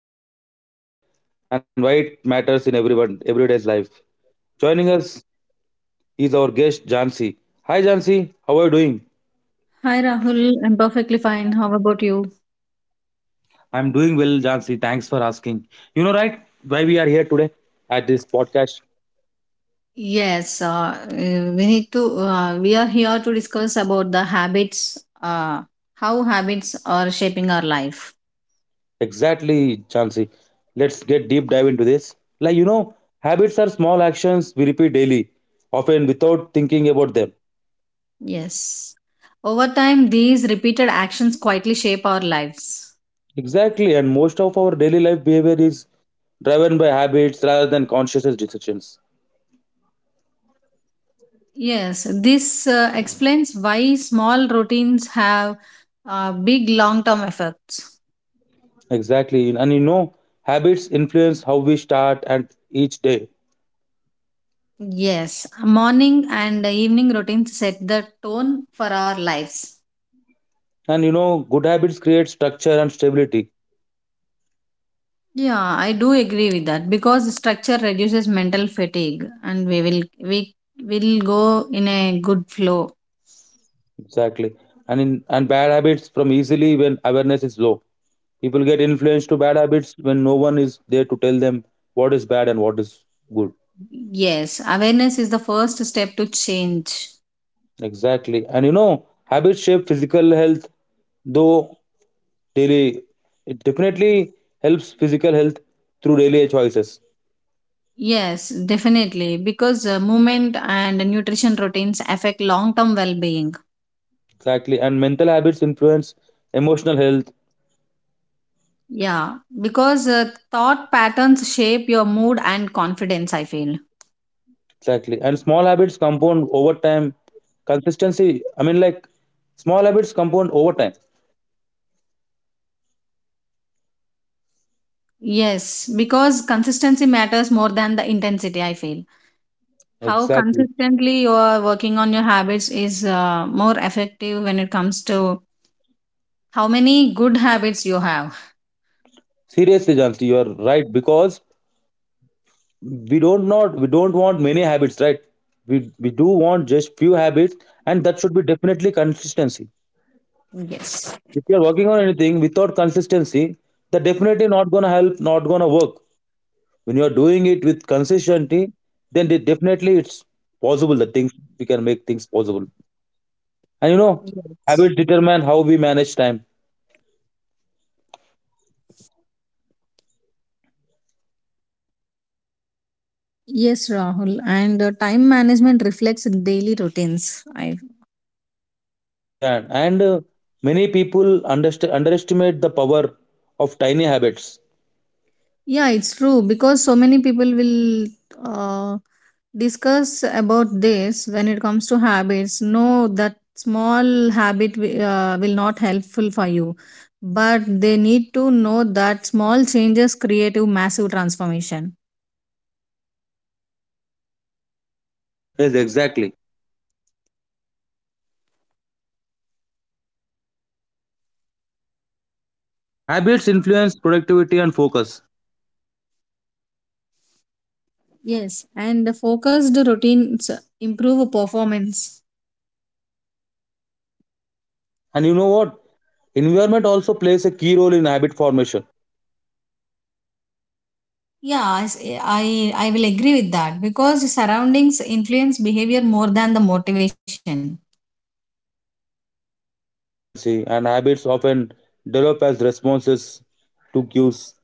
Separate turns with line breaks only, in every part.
Habits shape our life and why it matters in everyone everyday's life. Joining us is our guest Jansi. Hi, Jansi. How are you doing?
Hi Rahul, I'm perfectly fine. How about you?
I'm doing well, Jansi. Thanks for asking. You know, why we are here today at this podcast?
Yes, we need to. We are here to discuss about the habits, uh, how habits are shaping our life.
Exactly, Jansi. Let's get deep dive into this. Like you know, habits are small actions we repeat daily, often without thinking about them.
Yes, over time, these repeated actions quietly shape our lives.
Exactly, and most of our daily life behavior is driven by habits rather than conscious decisions.
Yes, this explains why small routines have big long-term effects.
Exactly, and you know, habits influence how we start and each day.
Yes, morning and evening routines set the tone for our lives.
And you know, good habits create structure and stability.
Yeah, I do agree with that because structure reduces mental fatigue and we will go in a good flow.
Exactly, and bad habits from easily when awareness is low. People get influenced to bad habits when no one is there to tell them what is bad and what is good.
Yes, awareness is the first step to change.
Exactly. And you know, habits shape physical health, though daily, it definitely helps physical health through daily choices.
Yes, definitely, because movement and nutrition routines affect long-term well-being.
Exactly. And mental habits influence emotional health.
Yeah, because thought patterns shape your mood and confidence, I feel.
Exactly. And small habits compound over time. Consistency, I mean, like small habits compound over time.
Yes, because consistency matters more than the intensity, I feel. How
Exactly.
consistently you are working on your habits is more effective when it comes to how many good habits you have.
Seriously, Jansi, you are right because we don't want many habits, right? We do want just few habits, and that should be definitely consistency.
Yes.
If you're working on anything without consistency, that definitely not gonna help, not gonna work. When you're doing it with consistency, then they definitely it's possible that things we can make things possible. And you know,
Yes.
habit determine how we manage time.
Yes, Rahul. And time management reflects daily routines. I.
Yeah, and many people underestimate the power of tiny habits.
Yeah, it's true because so many people will uh, discuss about this when it comes to habits. No, that small habit will not helpful for you, but they need to know that small changes create a massive transformation.
Yes, exactly. Habits influence productivity and focus.
Yes, and the focused routines improve performance.
And you know what? Environment also plays a key role in habit formation.
Yeah, I will agree with that because surroundings influence behavior more than the motivation.
Yes, Jansi, and habits often develop as responses to cues,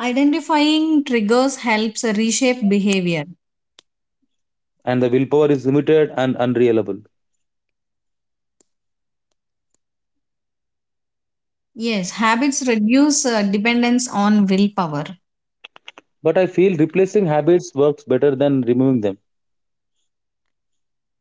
Identifying triggers helps reshape behavior.
and the willpower is limited and unreliable.
Yes, habits reduce dependence on willpower.
But I feel replacing habits works better than removing them.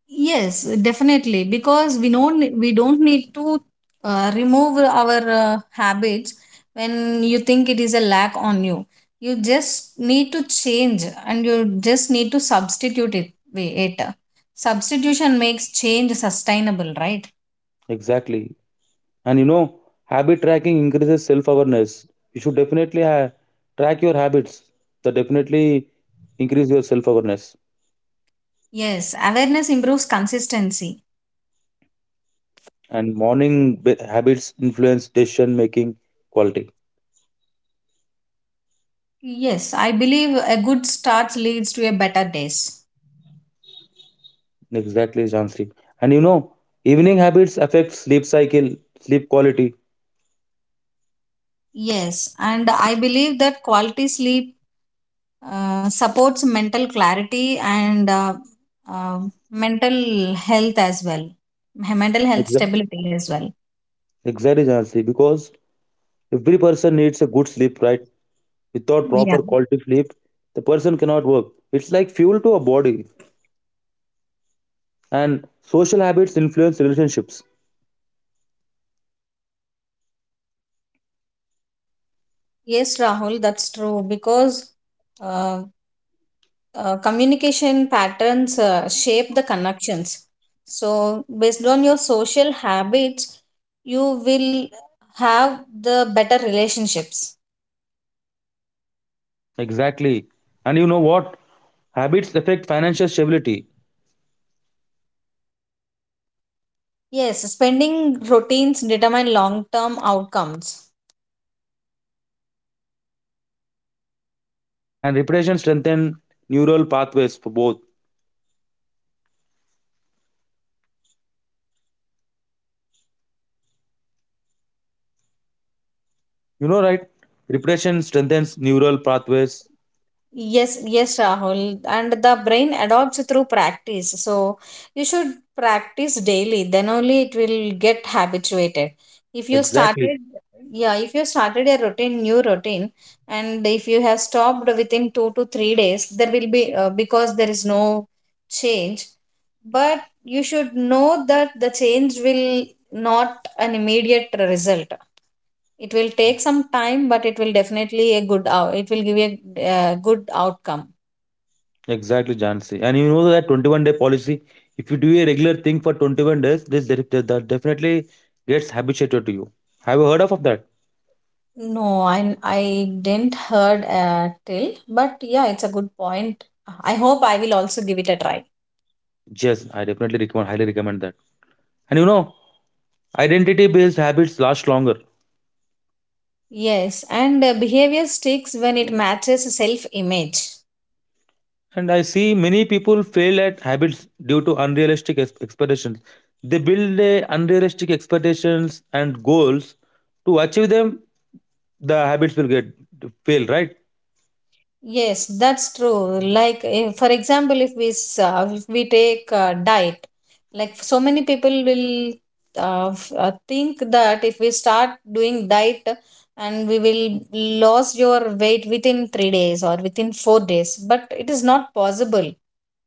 Yes, definitely, because we don't need to remove our habits when you think it is a lack on you. You just need to change, and you just need to substitute it. It substitution makes change sustainable, right?
Exactly. And you know, habit tracking increases self awareness. You should definitely track your habits, that definitely increase your self awareness.
Yes, awareness improves consistency.
And morning habits influence decision making quality.
Yes, I believe a good start leads to a better days.
Exactly, Jansi. And you know, evening habits affect sleep cycle, sleep quality.
Yes, and I believe that quality sleep supports mental clarity and uh, mental health as well, mental health
Exactly.
stability as well.
Exactly, Jansi, because every person needs a good sleep, right? Without
Yeah.
proper quality sleep, the person cannot work. It's like fuel to a body, and social habits influence relationships.
Yes, Rahul, that's true because uh, communication patterns shape the connections. So, based on your social habits, you will have the better relationships.
Exactly. And you know what? Habits affect financial stability,
Yes, spending routines determine long-term outcomes.
and repression strengthens neural pathways for both. You know, right? Repression strengthens neural pathways.
Yes, yes, Rahul. And the brain adopts through practice. So you should practice daily, then only it will get habituated. If you
Exactly.
started, yeah, if you started a routine, new routine, and if you have stopped within 2 to 3 days, there will be, because there is no change, but you should know that the change will not an immediate result. It will take some time, but it will definitely a good out. It will give you a good outcome.
Exactly, Jansi. And you know that 21-day policy, if you do a regular thing for 21 days, this that definitely gets habituated to you. Have you heard of that?
No, I didn't heard till, but yeah, it's a good point. I hope I will also give it a try.
Yes, I definitely recommend, highly recommend that. And you know, identity based habits last longer.
Yes, and behavior sticks when it matches self image.
And I see many people fail at habits due to unrealistic expectations. They build a unrealistic expectations and goals to achieve them, the habits will get fail, right?
Yes, that's true. Like, if, for example, if we take diet, like so many people will think that if we start doing diet and we will lose your weight within 3 days or within 4 days, but it is not possible.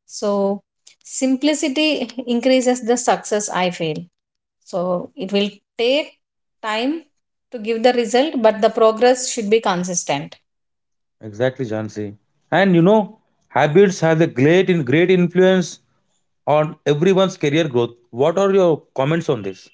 So simplicity increases the success. I feel so it will take time to give the result, but the progress should be consistent.
Exactly, Jansi. And you know, habits have a great influence on everyone's career growth. What are your comments on this?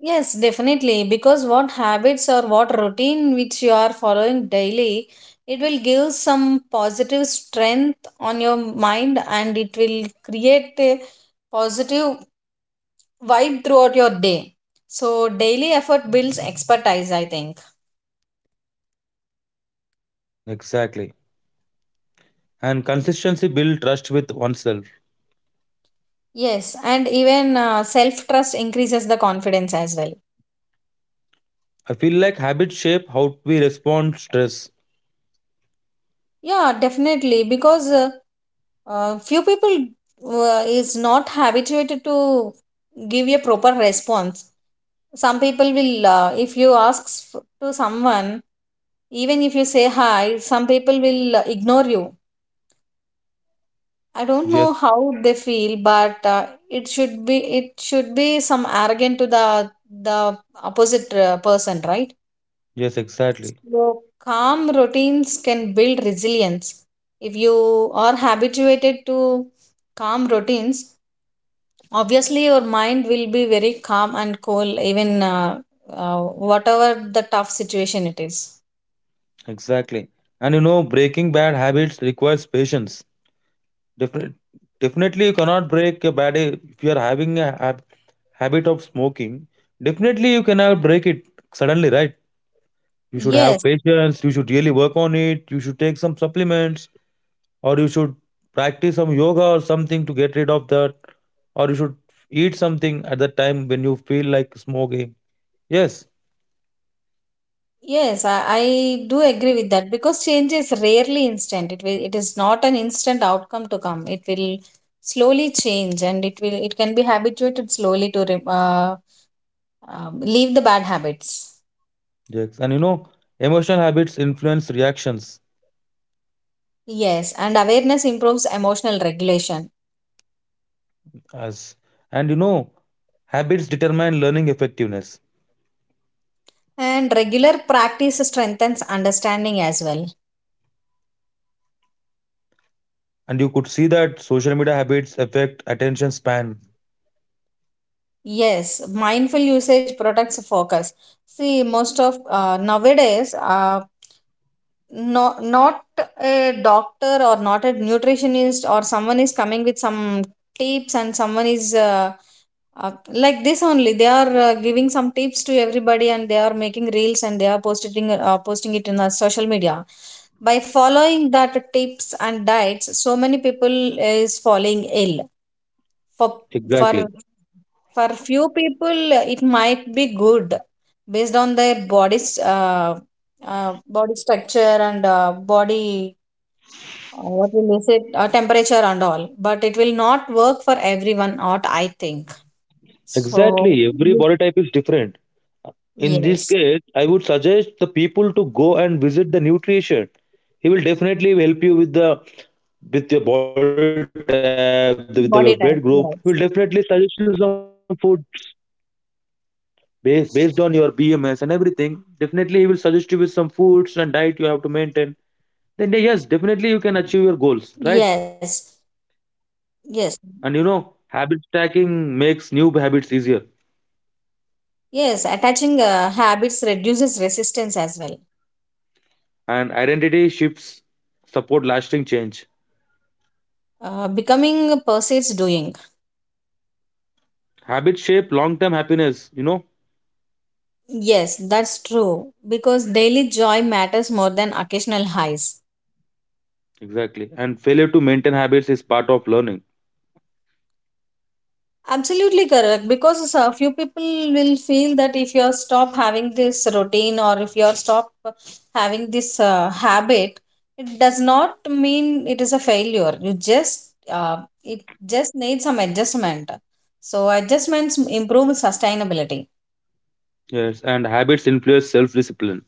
Yes, definitely. Because what habits or what routine which you are following daily, it will give some positive strength on your mind and it will create a positive vibe throughout your day. So, daily effort builds expertise, I think.
Exactly. And consistency build trust with oneself.
Yes, and even self trust increases the confidence as well.
I feel like habits shape how we respond stress.
Yeah, definitely. Because few people is not habituated to give a proper response. Some people will if you ask to someone, even if you say hi, some people will ignore you. I don't know
Yes,
how they feel, but it should be, it should be some arrogant to the opposite person, right?
yes, exactly.
So calm routines can build resilience. If you are habituated to calm routines, obviously your mind will be very calm and cool, even uh, whatever the tough situation it is.
Exactly. And you know, breaking bad habits requires patience. Definitely, definitely you cannot break a bad if you are having a habit of smoking. Definitely you cannot break it suddenly, right? You should have
Yes,
patience. You should really work on it. You should take some supplements, or you should practice some yoga or something to get rid of that, or you should eat something at the time when you feel like smoking. Yes,
yes, I do agree with that because change is rarely instant. It will, it is not an instant outcome to come. It will slowly change, and it will it can be habituated slowly to leave the bad habits.
Jax. And you know, emotional habits influence reactions
Yes, and awareness improves emotional regulation,
as and you know, habits determine learning effectiveness.
and regular practice strengthens understanding as well.
And you could see that social media habits affect attention span.
Yes, mindful usage protects focus. See, most of nowadays, no, not a doctor or not a nutritionist or someone is coming with some tips and someone is like this only. They are giving some tips to everybody and they are making reels and they are posting posting it in the social media. By following that tips and diets, so many people is falling ill for for
Exactly.
for few people it might be good based on their uh, body structure and body what will you say, temperature and all, but it will not work for everyone, what I think. So
Exactly. Every body type is different. In this
yes,
case, I would suggest the people to go and visit the nutrition. He will definitely help you with the with your body type, with the blood group. He will
body
definitely
type,
suggest you some
yes.
food based on your BMS and everything. Definitely, he will suggest you with some foods and diet you have to maintain. Then yeah, yes, definitely you can achieve your goals, right?
Yes. Yes.
And you know, habit stacking makes new habits easier,
Yes, attaching habits reduces resistance as well.
and identity shifts support lasting change.
Becoming persists doing.
Habits shape long-term happiness. You know.
Yes, that's true. Because daily joy matters more than occasional highs.
Exactly. And failure to maintain habits is part of learning.
Absolutely correct. Because a few people will feel that if you stop having this routine or if you stop having this habit, it does not mean it is a failure. You just it just needs some adjustment. So adjustments improve sustainability.
Yes. And habits influence self discipline.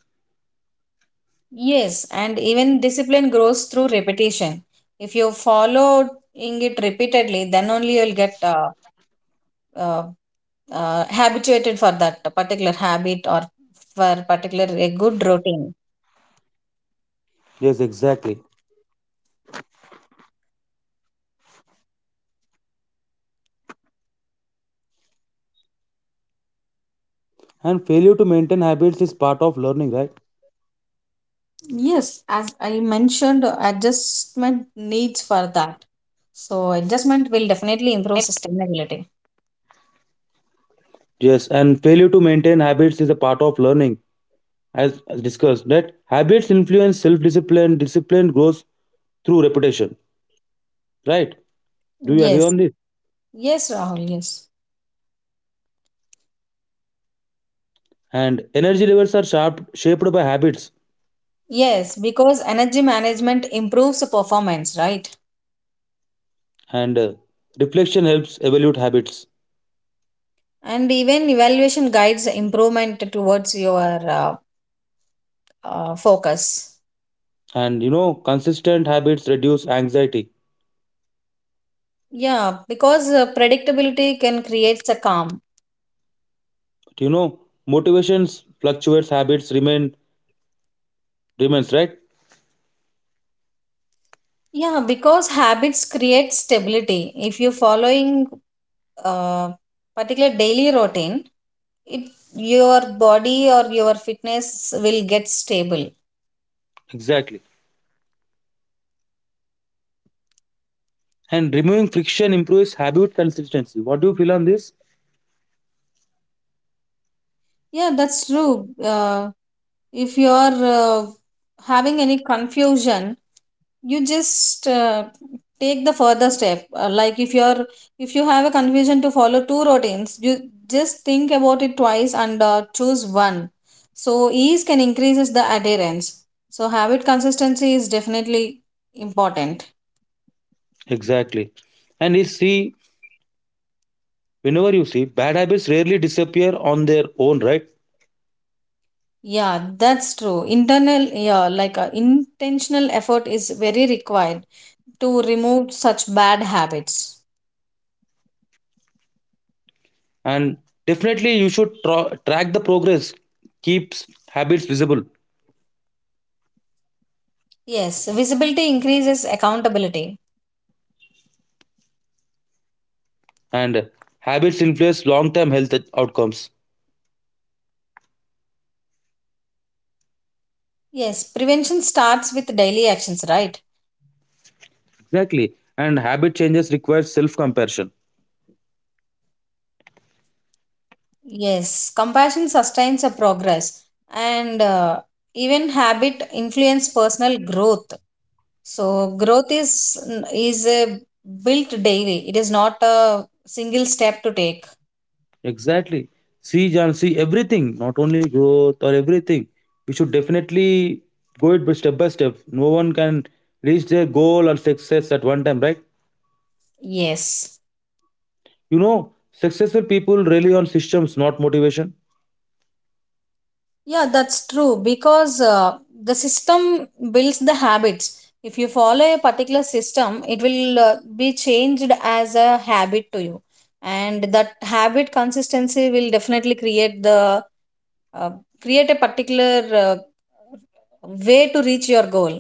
Yes, and even discipline grows through repetition. If you follow it repeatedly, then only you'll get uh, habituated for that particular habit or for particular a good routine. Yes, as I mentioned, adjustment needs for that. So adjustment will definitely improve sustainability.
Yes, and failure to maintain habits is a part of learning, as discussed. That habits influence self discipline, discipline grows through repetition. Right? Do you agree
Yes,
on this?
yes, Rahul. Yes.
And energy levels are sharp, shaped by habits,
Yes, because energy management improves performance, right?
and reflection helps evaluate habits.
And even evaluation guides improvement towards your uh, focus.
And you know, consistent habits reduce anxiety.
Yeah, because predictability can create a calm.
But you know, motivations fluctuates, habits remain remains right?
Yeah, because habits create stability if you're following uh, particular daily routine, it, your body or your fitness will get stable.
Exactly. And removing friction improves habit consistency. What do you feel on this?
Yeah, that's true. If you're uh, having any confusion, you just take the further step. Like if you're, if you have a confusion to follow two routines, you just think about it twice and choose one. So ease can increases the adherence, so habit consistency is definitely important.
Exactly. And you see, whenever you see, bad habits rarely disappear on their own, right?
Yeah, that's true internal, yeah, like intentional effort is very required to remove such bad habits.
And definitely you should track the progress, keeps habits visible.
Yes, visibility increases accountability.
And habits influence long term health outcomes.
Yes, prevention starts with daily actions, right?
Exactly. And habit changes requires self compassion.
Yes, compassion sustains a progress, and even habit influence personal growth. So growth is a built daily. It is not a single step to take.
Exactly. See, John, see, everything, not only growth or everything, we should definitely go it by step by step. No one can reach their goal or success at one time, right?
Yes.
You know, successful people rely on systems, not motivation.
Yeah, that's true because the system builds the habits. If you follow a particular system, it will be changed as a habit to you, and that habit consistency will definitely create the uh, create a particular uh, way to reach your goal.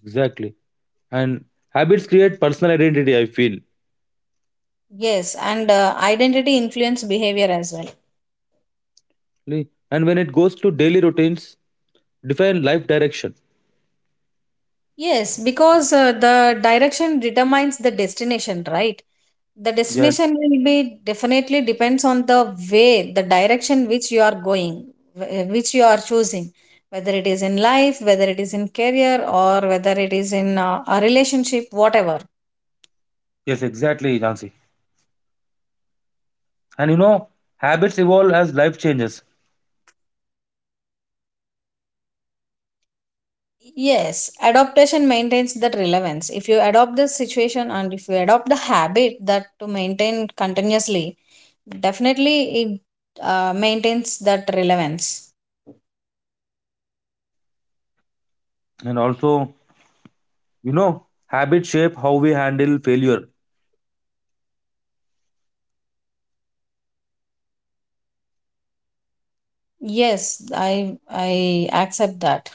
Exactly. And habits create personal identity, I feel.
Yes, and identity influence behavior as well.
And when it goes to daily routines, define life direction.
Yes, because the direction determines the destination, right? The
Yes,
destination will be definitely depends on the way, the direction which you are going, which you are choosing, whether it is in life, whether it is in career, or whether it is in a relationship, whatever.
yes, exactly, Jansi. And you know, habits evolve as life changes.
Yes, adaptation maintains that relevance. If you adopt the situation and if you adopt the habit that to maintain continuously, definitely it maintains that relevance.
And also, you know, habits shape how we handle failure.
Yes, I accept that.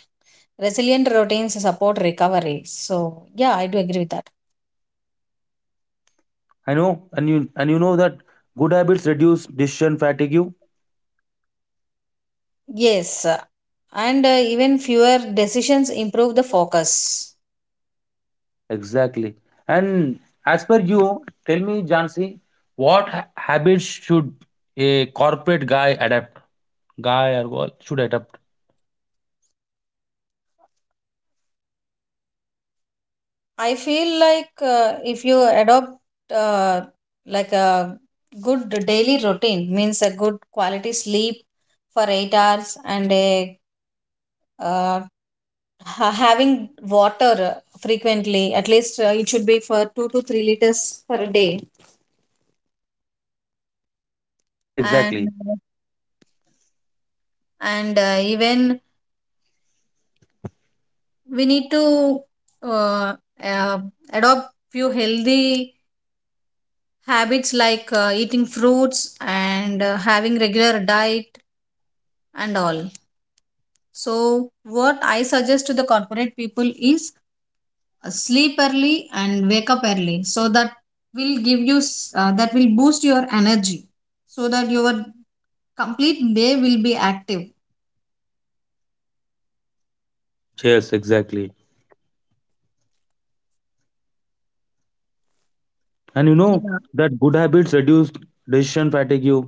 Resilient routines support recovery. So, yeah, I do agree with that.
I know, and you know that good habits reduce decision fatigue.
Yes, and even fewer decisions improve the focus.
Exactly. And as per you, tell me, Jansi, what habits should a corporate guy adapt? Guy or girl should adapt.
I feel like if you adopt uh, like a good daily routine means a good quality sleep for 8 hours and a uh, having water frequently, at least it should be for 2 to 3 liters per day.
Yes,
and
exactly.
and even we need to uh, uh, adopt few healthy habits, like eating fruits and having regular diet and all. So what I suggest to the corporate people is, sleep early and wake up early, so that will give you that will boost your energy so that your complete day will be active.
Yes, exactly. And you know that good habits reduce decision fatigue.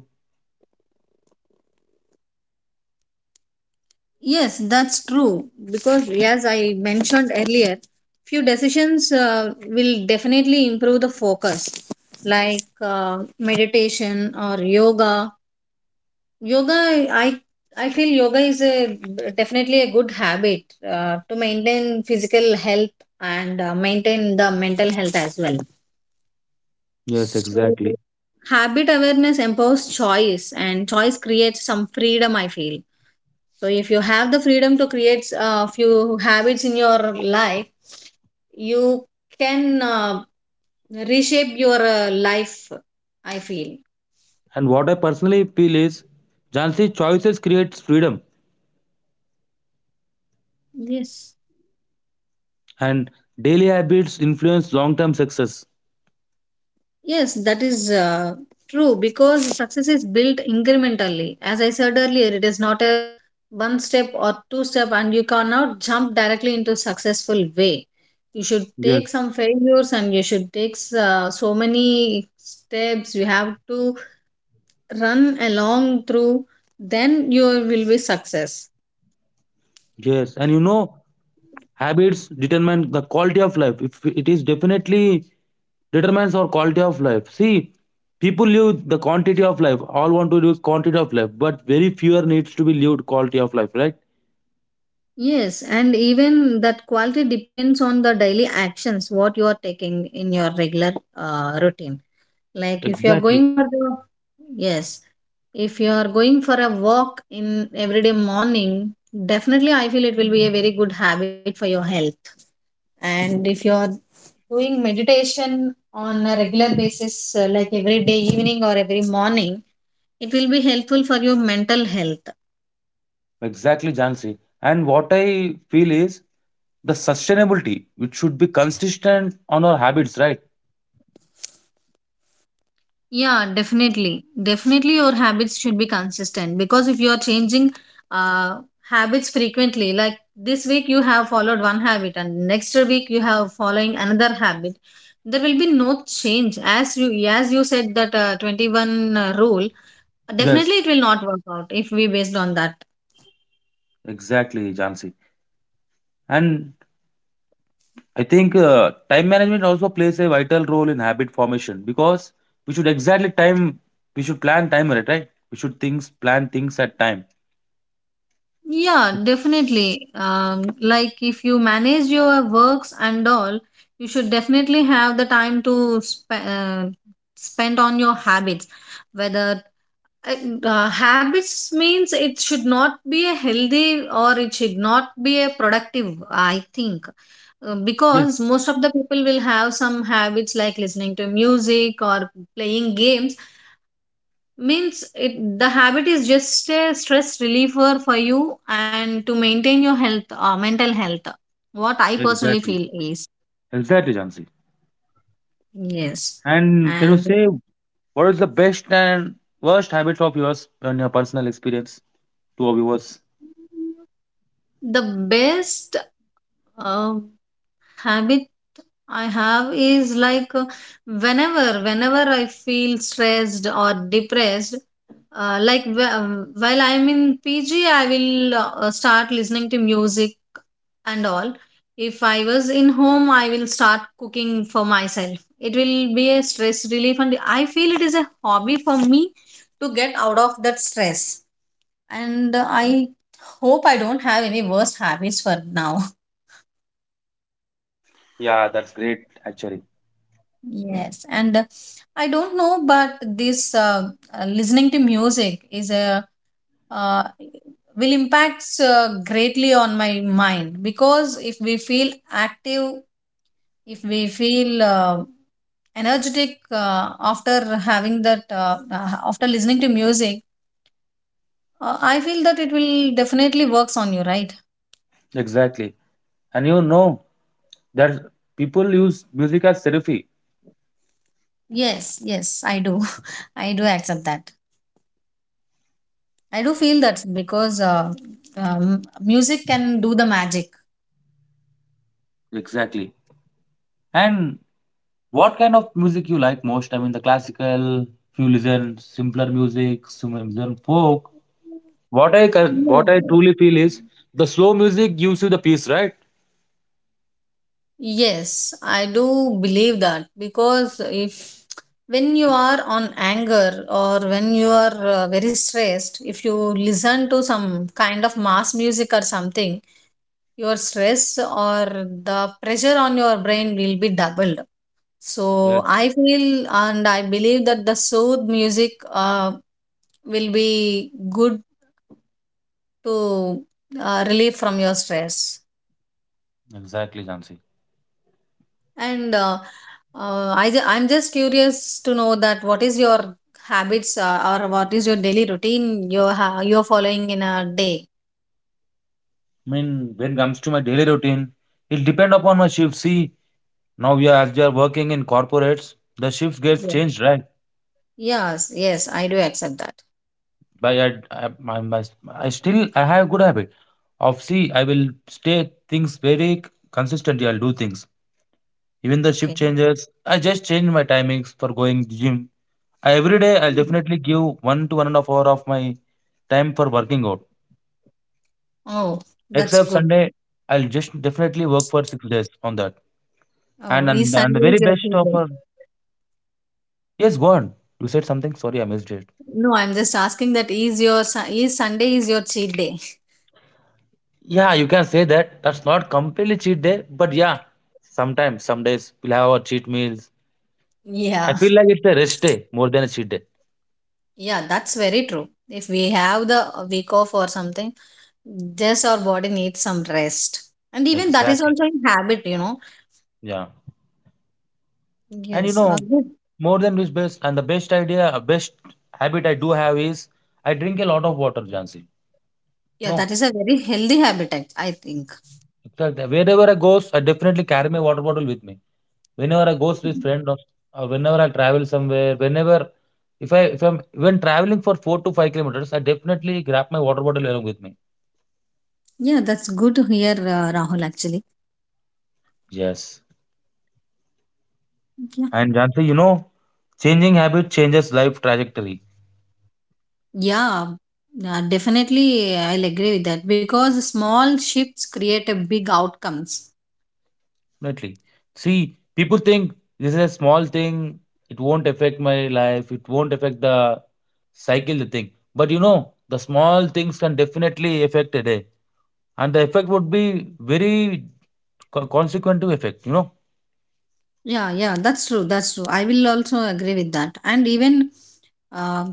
Yes, that's true. Because, as I mentioned earlier, few decisions will definitely improve the focus, like meditation or yoga. Yoga, I feel yoga is a definitely a good habit to maintain physical health and maintain the mental health as well.
Yes,
So,
exactly.
habit awareness empowers choice, and choice creates some freedom. I feel so if you have the freedom to create a few habits in your life, you can reshape your life. I feel.
And what I personally feel is, Jansi, choices creates freedom
Yes.
and daily habits influence long-term success.
Yes, that is true because success is built incrementally. As I said earlier, it is not a one step or two step, and you cannot jump directly into successful way. You should
Yes.
take some failures, and you should take so many steps. You have to run along through, then you will be success.
Yes, and you know, habits determine the quality of life. If it is, definitely determines our quality of life. See, people live the quantity of life. All want to live quantity of life, but very fewer needs to be lived quality of life, right?
Yes, and even that quality depends on the daily actions what you are taking in your regular routine. Like if you are
Exactly.
going for the yes, if you are going for a walk in everyday morning, definitely I feel it will be a very good habit for your health. And if you are doing meditation on a regular basis, like every day evening or every morning, it will be helpful for your mental health.
Exactly, Jansi. And what I feel is the sustainability, which should be consistent on our habits, right?
Yeah, definitely. Definitely, your habits should be consistent because if you are changing uh, habits frequently, like this week you have followed one habit and next week you have following another habit, there will be no change. As you said that 21 rule,
Yes,
definitely it will not work out if we based on that.
exactly, Jansi. And I think time management also plays a vital role in habit formation because we should exactly time, we should plan time ahead, right? We should things plan things at time.
Yeah, definitely. Like if you manage your works and all, you should definitely have the time to spend on your habits. Whether habits means it should not be a healthy or it should not be a productive, I think.
Yes,
Because most of the people will have some habits like listening to music or playing games means it, the habit is just a stress reliever for you and to maintain your health mental health what I personally
exactly.
feel is
Exactly, Jansi.
yes,
And can you
and
say what is the best and worst habit of yours and your personal experience to our viewers?
the best uh, habit I have is like whenever I feel stressed or depressed, like while I'm in pg I will start listening to music and all. If I was in home, I will start cooking for myself. It will be a stress relief, and I feel it is a hobby for me to get out of that stress. And I hope I don't have any worst habits for now.
Yeah, that's great, actually.
Yes, and I don't know, but this listening to music is a uh, will impacts greatly on my mind because if we feel active, if we feel energetic uh, after having that after listening to music, I feel that it will definitely works on you, right?
Exactly. And you know that people use music as therapy.
Yes, yes, I do. I do accept that, I do feel that because um, music can do the magic.
Exactly. And what kind of music you like most? I mean, the classical, if you listen simpler music, some listen folk. What I
No.
truly feel is the slow music gives you the peace, right?
Yes, I do believe that because if when you are on anger or when you are very stressed, if you listen to some kind of mass music or something, your stress or the pressure on your brain will be doubled,
Yes,
so I feel and I believe that the sooth music uh, will be good to relieve from your stress.
exactly, Jansi.
And I'm just curious to know that what is your habits or what is your daily routine you you're following in a day.
I mean, when it comes to my daily routine, it depend upon my shift. See, now we are, as we are working in corporates, the shifts gets
Yeah.
changed, right?
Yes, yes, I do accept that.
By I, my, I still I have good habit of, see, I will stay things very consistently. I'll do things. Even the shift
Okay.
changes. I just change my timings for going gym. Every day I'll
Hmm.
definitely give 1 to 1.5 hour of my time for working out.
Oh. That's
Except
good.
Sunday, I'll just definitely work for 6 days on that.
Oh,
And
is
and, and the
sunday
very
is your
best
free day?
offer. Yes, go on. You said something. Sorry, I missed it.
No, I'm just asking that is your is Sunday is your cheat day.
Yeah, you can say that. That's not completely cheat day, but yeah, sometimes, some days we'll have our cheat meals. I
Yeah.
feel like it's a rest day more than a cheat day.
Yeah, that's very true. If we have the week off or something, just our body needs some rest. And even that is
Exactly.
also a habit, you know.
Yeah. And you
Yes.
know,
Good.
more than this, best and the best idea, best habit I do have is I drink a lot of water, Jansi.
Yeah, that
No,
is a very healthy habit, I think.
that wherever I goes, I definitely carry my water bottle with me. Whenever I goes with
Hmm.
friend, or whenever I travel somewhere, whenever if I'm even traveling for 4 to 5 kilometers, I definitely grab my water bottle along with me.
Yeah, that's good to hear, Rahul, actually.
Yes,
Yeah.
and Jansi, you know, changing habit changes life trajectory.
Yeah, definitely, I'll agree with that because small shifts create a big outcomes.
Definitely. See, people think this is a small thing, it won't affect my life, it won't affect the cycle, the thing. But you know, the small things can definitely affect a day. And the effect would be very consequent effect, you know?
Yeah, yeah, that's true. That's true. I will also agree with that. And even uh,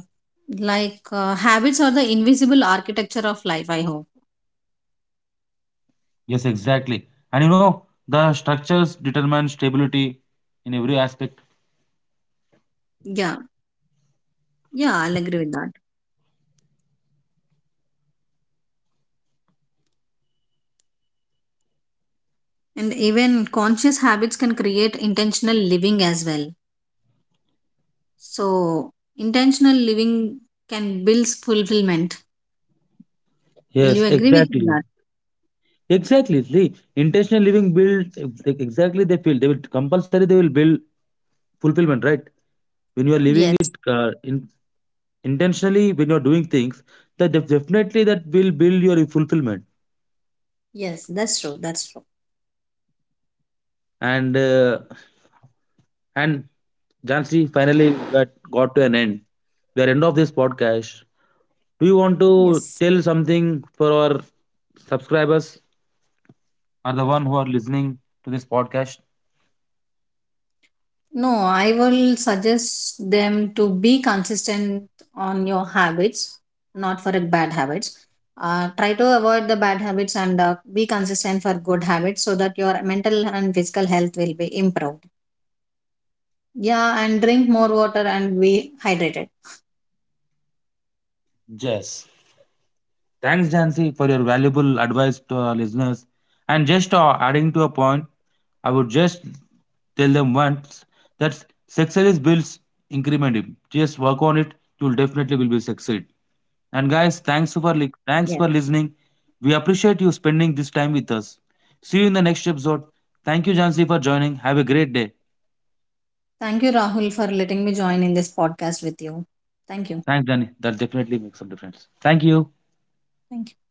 like habits are the invisible architecture of life, I hope.
Yes, exactly. And you know, the structures determine stability in every aspect.
Yeah, yeah, I'll agree with that. And even conscious habits can create intentional living as well. So, intentional living can build fulfillment. Will you
Yes,
agree with
exactly.
that?
Exactly. See, intentional living build exactly, they feel, they will build fulfillment, right? When you are living
Yes,
it in intentionally, when you are doing things, that definitely that will build your fulfillment.
yes, that's true. That's true.
And and Jansi, finally that got to an end. We are end of this podcast. Do you want
Yes.
to tell something for our subscribers or the one who are listening to this podcast?
No, I will suggest them to be consistent on your habits, not for a bad habits. Try to avoid the bad habits and be consistent for good habits so that your mental and physical health will be improved. Yeah, and drink more water and be hydrated.
Yes. Thanks, Jansi, for your valuable advice to our listeners. And just adding to a point, I would just tell them once that success is built incrementally. Just work on it; you will definitely will be succeed. And guys, thanks
Yes.
for li- thanks for listening. We appreciate you spending this time with us. See you in the next episode. Thank you, Jansi, for joining. Have a great day.
Thank you, Rahul, for letting me join in this podcast with you. Thank you.
Thanks, Danny. That definitely makes some difference. Thank you.
Thank you.